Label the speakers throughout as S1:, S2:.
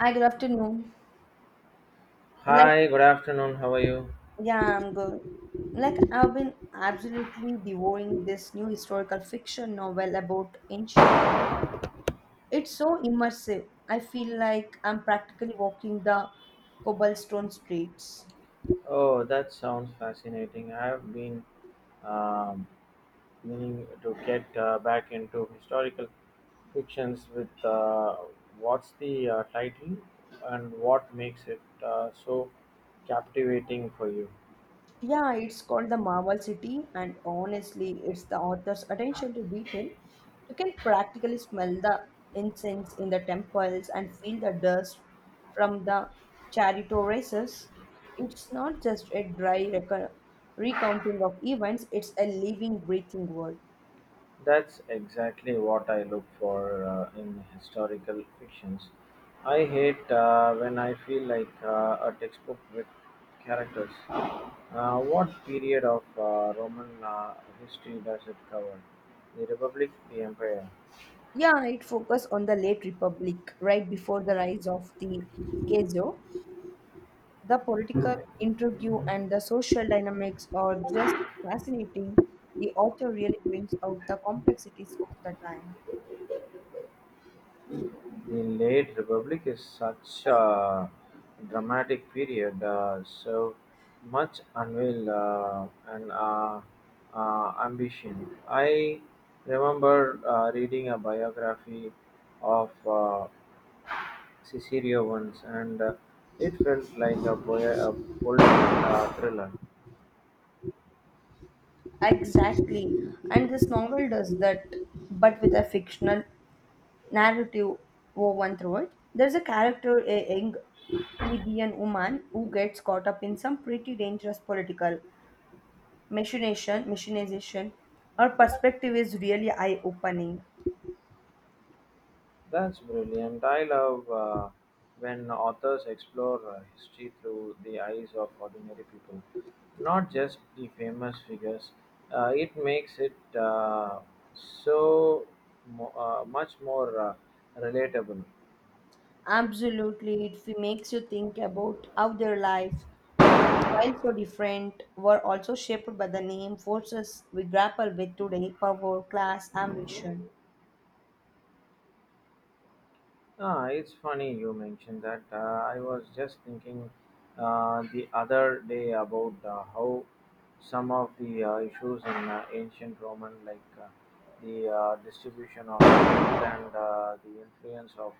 S1: Hi, good afternoon. Like,
S2: Hi, good afternoon. How are you?
S1: yeah, I'm good. Like, I've been absolutely devouring this new historical fiction novel about ancient. It's so immersive. I feel like I'm practically walking the cobblestone streets.
S2: Oh, that sounds fascinating. I've been um, meaning to get back into historical fictions with what's the title and what makes it so captivating for you.
S1: Yeah, it's called The Marvel City, and honestly, it's the author's attention to detail. You can practically smell the incense in the temples and feel the dust from the chariot races. It's not just a recounting of events, it's a living, breathing world.
S2: That's exactly what I look for in historical fictions. I hate when I feel like a textbook with characters. What period of Roman history does it cover? The Republic, the Empire.
S1: Yeah, it focuses on the late Republic, right before the rise of the Keijo. The political intrigue and the social dynamics are just fascinating. The author really brings out the complexities of the time.
S2: The late Republic is such a dramatic period, so much unveil and ambition. I remember reading a biography of Cicero once, and it felt like a political thriller.
S1: Exactly. And this novel does that, but with a fictional narrative woven through it. There's a character, a young plebeian woman, who gets caught up in some pretty dangerous political machinization. Her perspective is really eye opening.
S2: That's brilliant. I love when authors explore history through the eyes of ordinary people, not just the famous figures. It makes it so much more relatable.
S1: Absolutely, makes you think about how their lives, while so different, were also shaped by the name forces we grapple with today power, class, ambition.
S2: Ah, it's funny you mentioned that. I was just thinking the other day about how some of the issues in ancient Roman, like the distribution of wealth and the influence of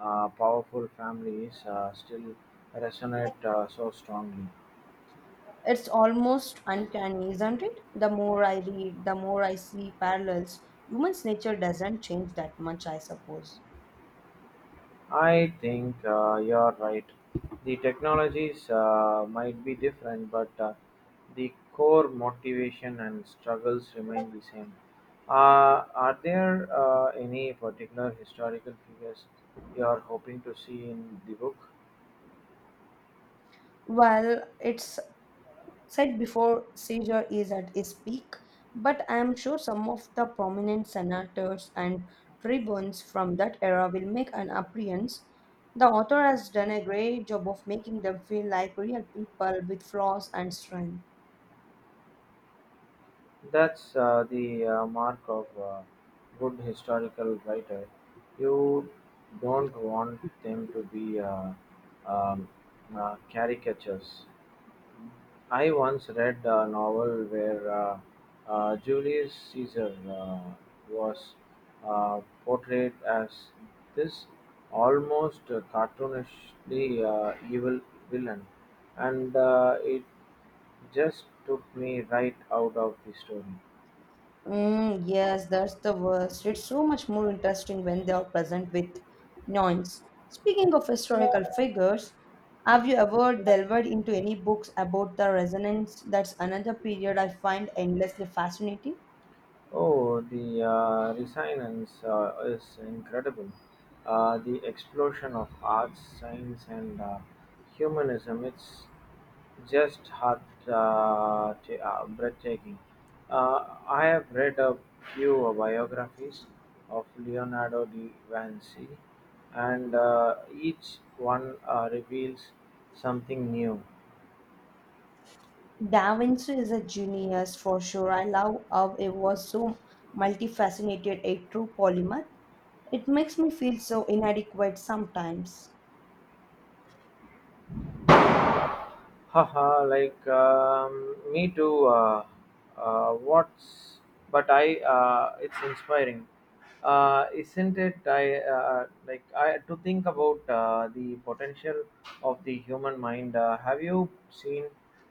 S2: powerful families, still resonate so strongly.
S1: It's almost uncanny, isn't it? The more I read, the more I see parallels. Human's nature doesn't change that much, I suppose.
S2: I think you're right. The technologies might be different, but the core motivation and struggles remain the same. Are there any particular historical figures you are hoping to see in the book?
S1: Well, it's said before seizure is at its peak, but I am sure some of the prominent senators and tribunes from that era will make an appearance. The author has done a great job of making them feel like real people with flaws and strength.
S2: That's the mark of a good historical writer. You don't want them to be um, caricatures. I once read a novel where Julius Caesar was portrayed as this almost cartoonishly evil villain, and it just took me right out of the story.
S1: Mm, yes, that's the worst. It's so much more interesting when they are present with noise. Speaking of historical figures, have you ever delved into any books about the resonance? That's another period I find endlessly fascinating.
S2: Oh, the resonance is incredible. The explosion of arts, science, and humanism, it's just heart breathtaking. I have read a few biographies of Leonardo da Vinci, and each one reveals something new.
S1: Da Vinci is a genius for sure. I love how it was so multifaceted, a true polymath. It makes me feel so inadequate sometimes.
S2: Haha, like me too. What's but I? It's inspiring, isn't it? I like I to think about the potential of the human mind. Have you seen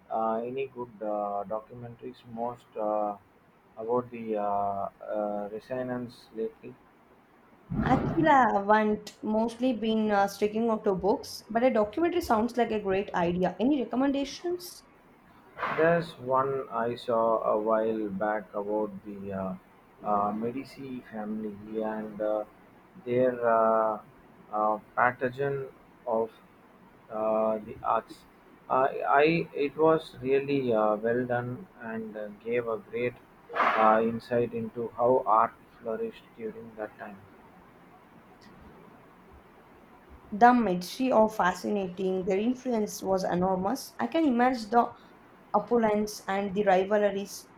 S2: any good documentaries most about the resonance lately?
S1: Actually, I haven't mostly been sticking out to books, but a documentary sounds like a great idea. Any recommendations?
S2: There's one I saw a while back about the Medici family and their pathogen of the arts. I, I it was really well done and gave a great insight into how art flourished during that time.
S1: The Medici are fascinating, their influence was enormous. I can imagine the opulence and the rivalries.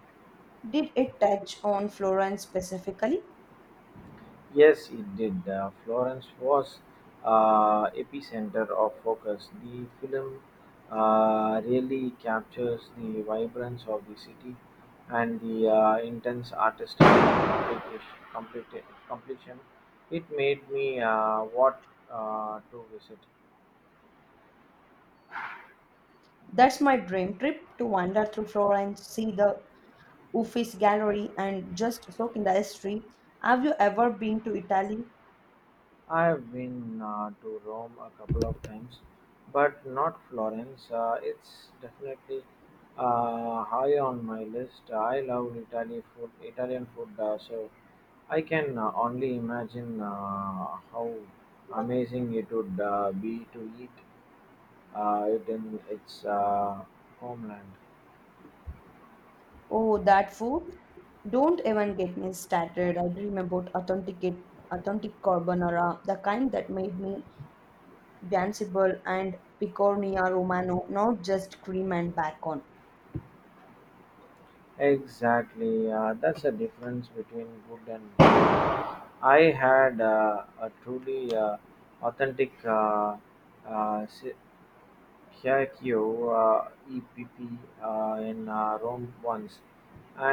S1: Did it touch on Florence specifically?
S2: Yes, it did. Florence was epicenter of focus. The film really captures the vibrance of the city and the intense artistic completion. It made me want to visit.
S1: That's my dream trip to wander through Florence, see the Uffizi Gallery, and just soak in the history. Have you ever been to Italy?
S2: I've been to Rome a couple of times, but not Florence. It's definitely high on my list. I love Italy food, Italian food, so I can only imagine how amazing it would be to eat it in its homeland.
S1: Oh, that food? Don't even get me started. I dream about authentic carbonara, the kind that made me danceable and picornia romano, not just cream and bacon.
S2: Exactly, that's the difference between good and I had a truly authentic uh, si- Kyakkyo EPP in Rome once,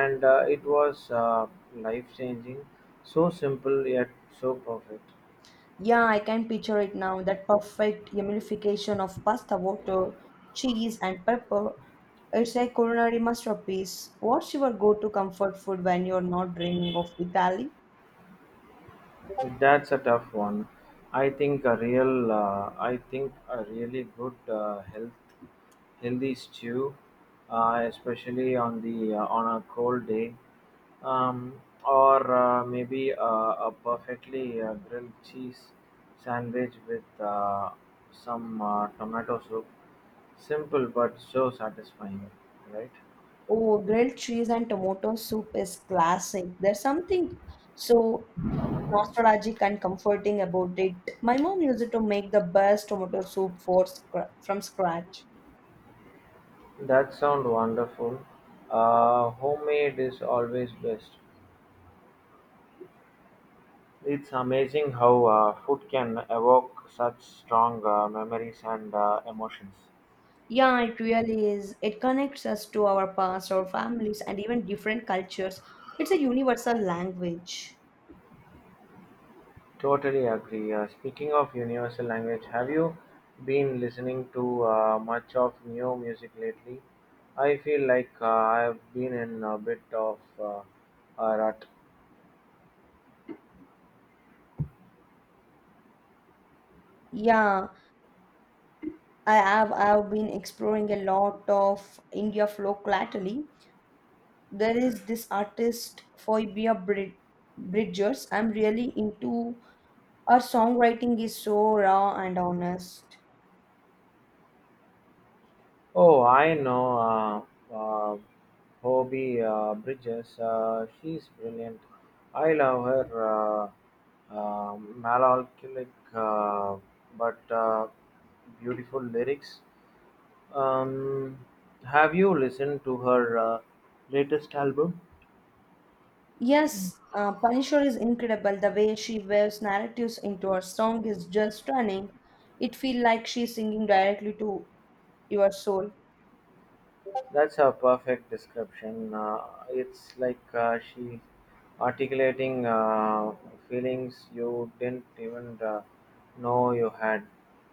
S2: and it was life changing, so simple yet so perfect.
S1: Yeah, I can picture it now. That perfect emulsification of pasta water, cheese, and pepper. It's a culinary masterpiece. What's your go-to comfort food when you're not dreaming of Italy?
S2: That's a tough one. I think a really good healthy stew, especially on the on a cold day, or maybe a perfectly grilled cheese sandwich with some tomato soup. Simple but so satisfying, right?
S1: Oh, grilled cheese and tomato soup is classic. There's something so nostalgic and comforting about it. My mom used to make the best tomato soup from scratch.
S2: That sounds wonderful. Homemade is always best. It's amazing how food can evoke such strong memories and emotions.
S1: Yeah, it really is. It connects us to our past, our families, and even different cultures. It's a universal language.
S2: Totally agree. Speaking of universal language, have you been listening to much of new music lately? I feel like I've been in a bit of a rut.
S1: Yeah, I've been exploring a lot of India folk lately. There is this artist Bridgers. I'm really into her songwriting is so raw and honest.
S2: Oh, I know uh, uh, Hobie Bridges. She's brilliant. I love her melancholic uh, but beautiful lyrics. Um, have you listened to her latest album?
S1: Yes, Punisher is incredible. The way she weaves narratives into her song is just stunning. It feels like she's singing directly to your soul.
S2: That's a perfect description. It's like she articulating feelings you didn't even know you had.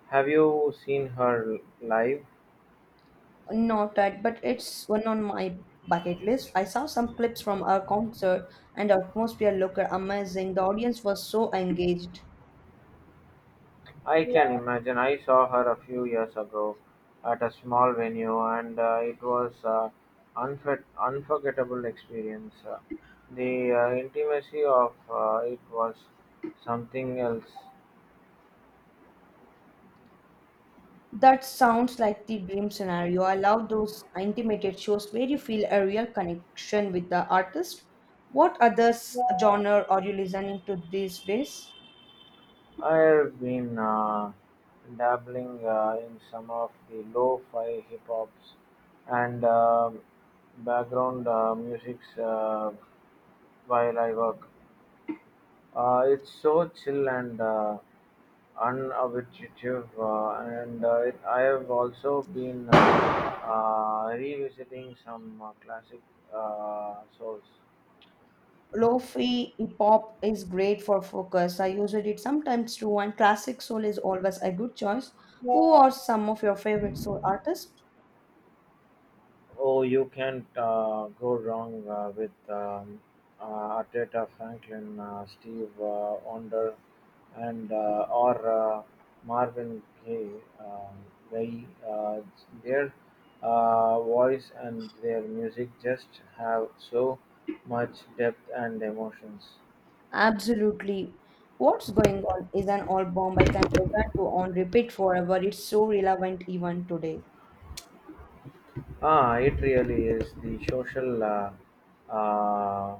S2: Have you seen her live?
S1: Not that, but it's one on my bucket list. I saw some clips from her concert, and the atmosphere looked amazing. The audience was so engaged.
S2: I can imagine. I saw her a few years ago at a small venue, and it was an unforgettable experience. The intimacy of it was something else.
S1: That sounds like the dream scenario. I love those intimated shows where you feel a real connection with the artist. What other genre are you listening to these days?
S2: I've been dabbling in some of the lo-fi hip hops and background musics while I work. It's so chill and unobtrusive, and I have also been revisiting some classic souls.
S1: Lo-fi hip hop is great for focus. I use it sometimes too, and classic soul is always a good choice. Who are some of your favorite soul artists?
S2: Oh, you can't go wrong with Arteta, Franklin, Steve Onder, and or Marvin Gaye. Um, they, their voice and their music just have so much depth and emotions.
S1: Absolutely. What's going on is an album I can listen to on repeat forever. It's so relevant even today.
S2: Ah, it really is the social uh,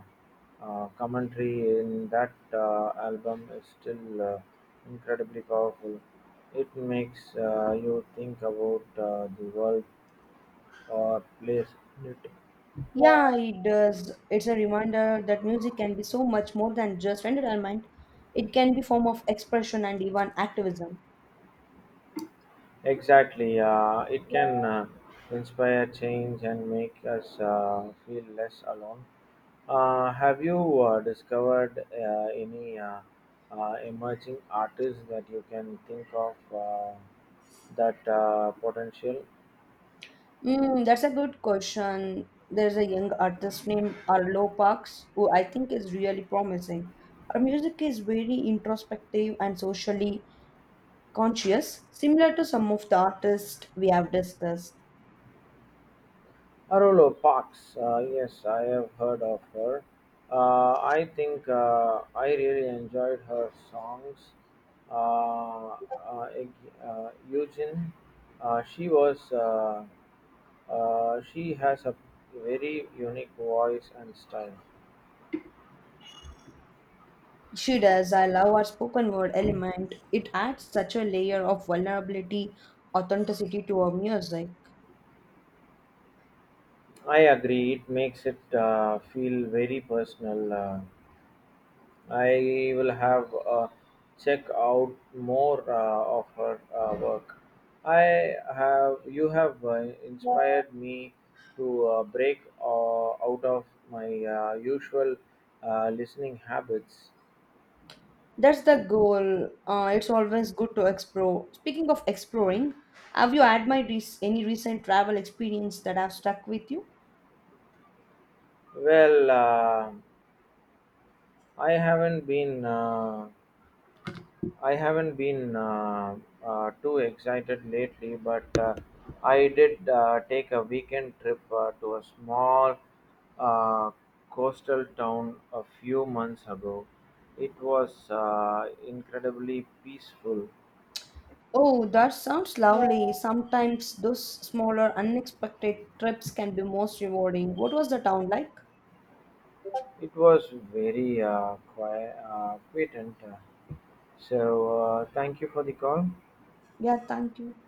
S2: commentary in that album is still incredibly powerful. It makes you think about the world or place in it.
S1: Yeah, it does. It's a reminder that music can be so much more than just entertainment. It can be form of expression and even activism.
S2: Exactly, it can inspire change and make us feel less alone. Have you discovered any emerging artists that you can think of that potential?
S1: Mm, that's a good question. There's a young artist named Arlo Parks who I think is really promising. Her music is very introspective and socially conscious, similar to some of the artists we have discussed.
S2: Arolo Parks, yes, I have heard of her. I think I really enjoyed her songs. Uh, Eugene, uh, she was, uh, she has a very unique voice and style.
S1: She does. I love her spoken word element. It adds such a layer of vulnerability, authenticity to her music.
S2: I agree. It makes it feel very personal. I will have check out more of her work. I have you have inspired me to break out of my usual listening habits.
S1: That's the goal. It's always good to explore. Speaking of exploring, have you had my rec any recent travel experience that have stuck with you?
S2: Well, I haven't been uh, I haven't been too excited lately, but I did take a weekend trip to a small uh, coastal town a few months ago. It was incredibly peaceful.
S1: Oh, that sounds lovely. Sometimes those smaller, unexpected trips can be most rewarding. What was the town like?
S2: It was very quiet, and so thank you for the call.
S1: Yeah, thank you.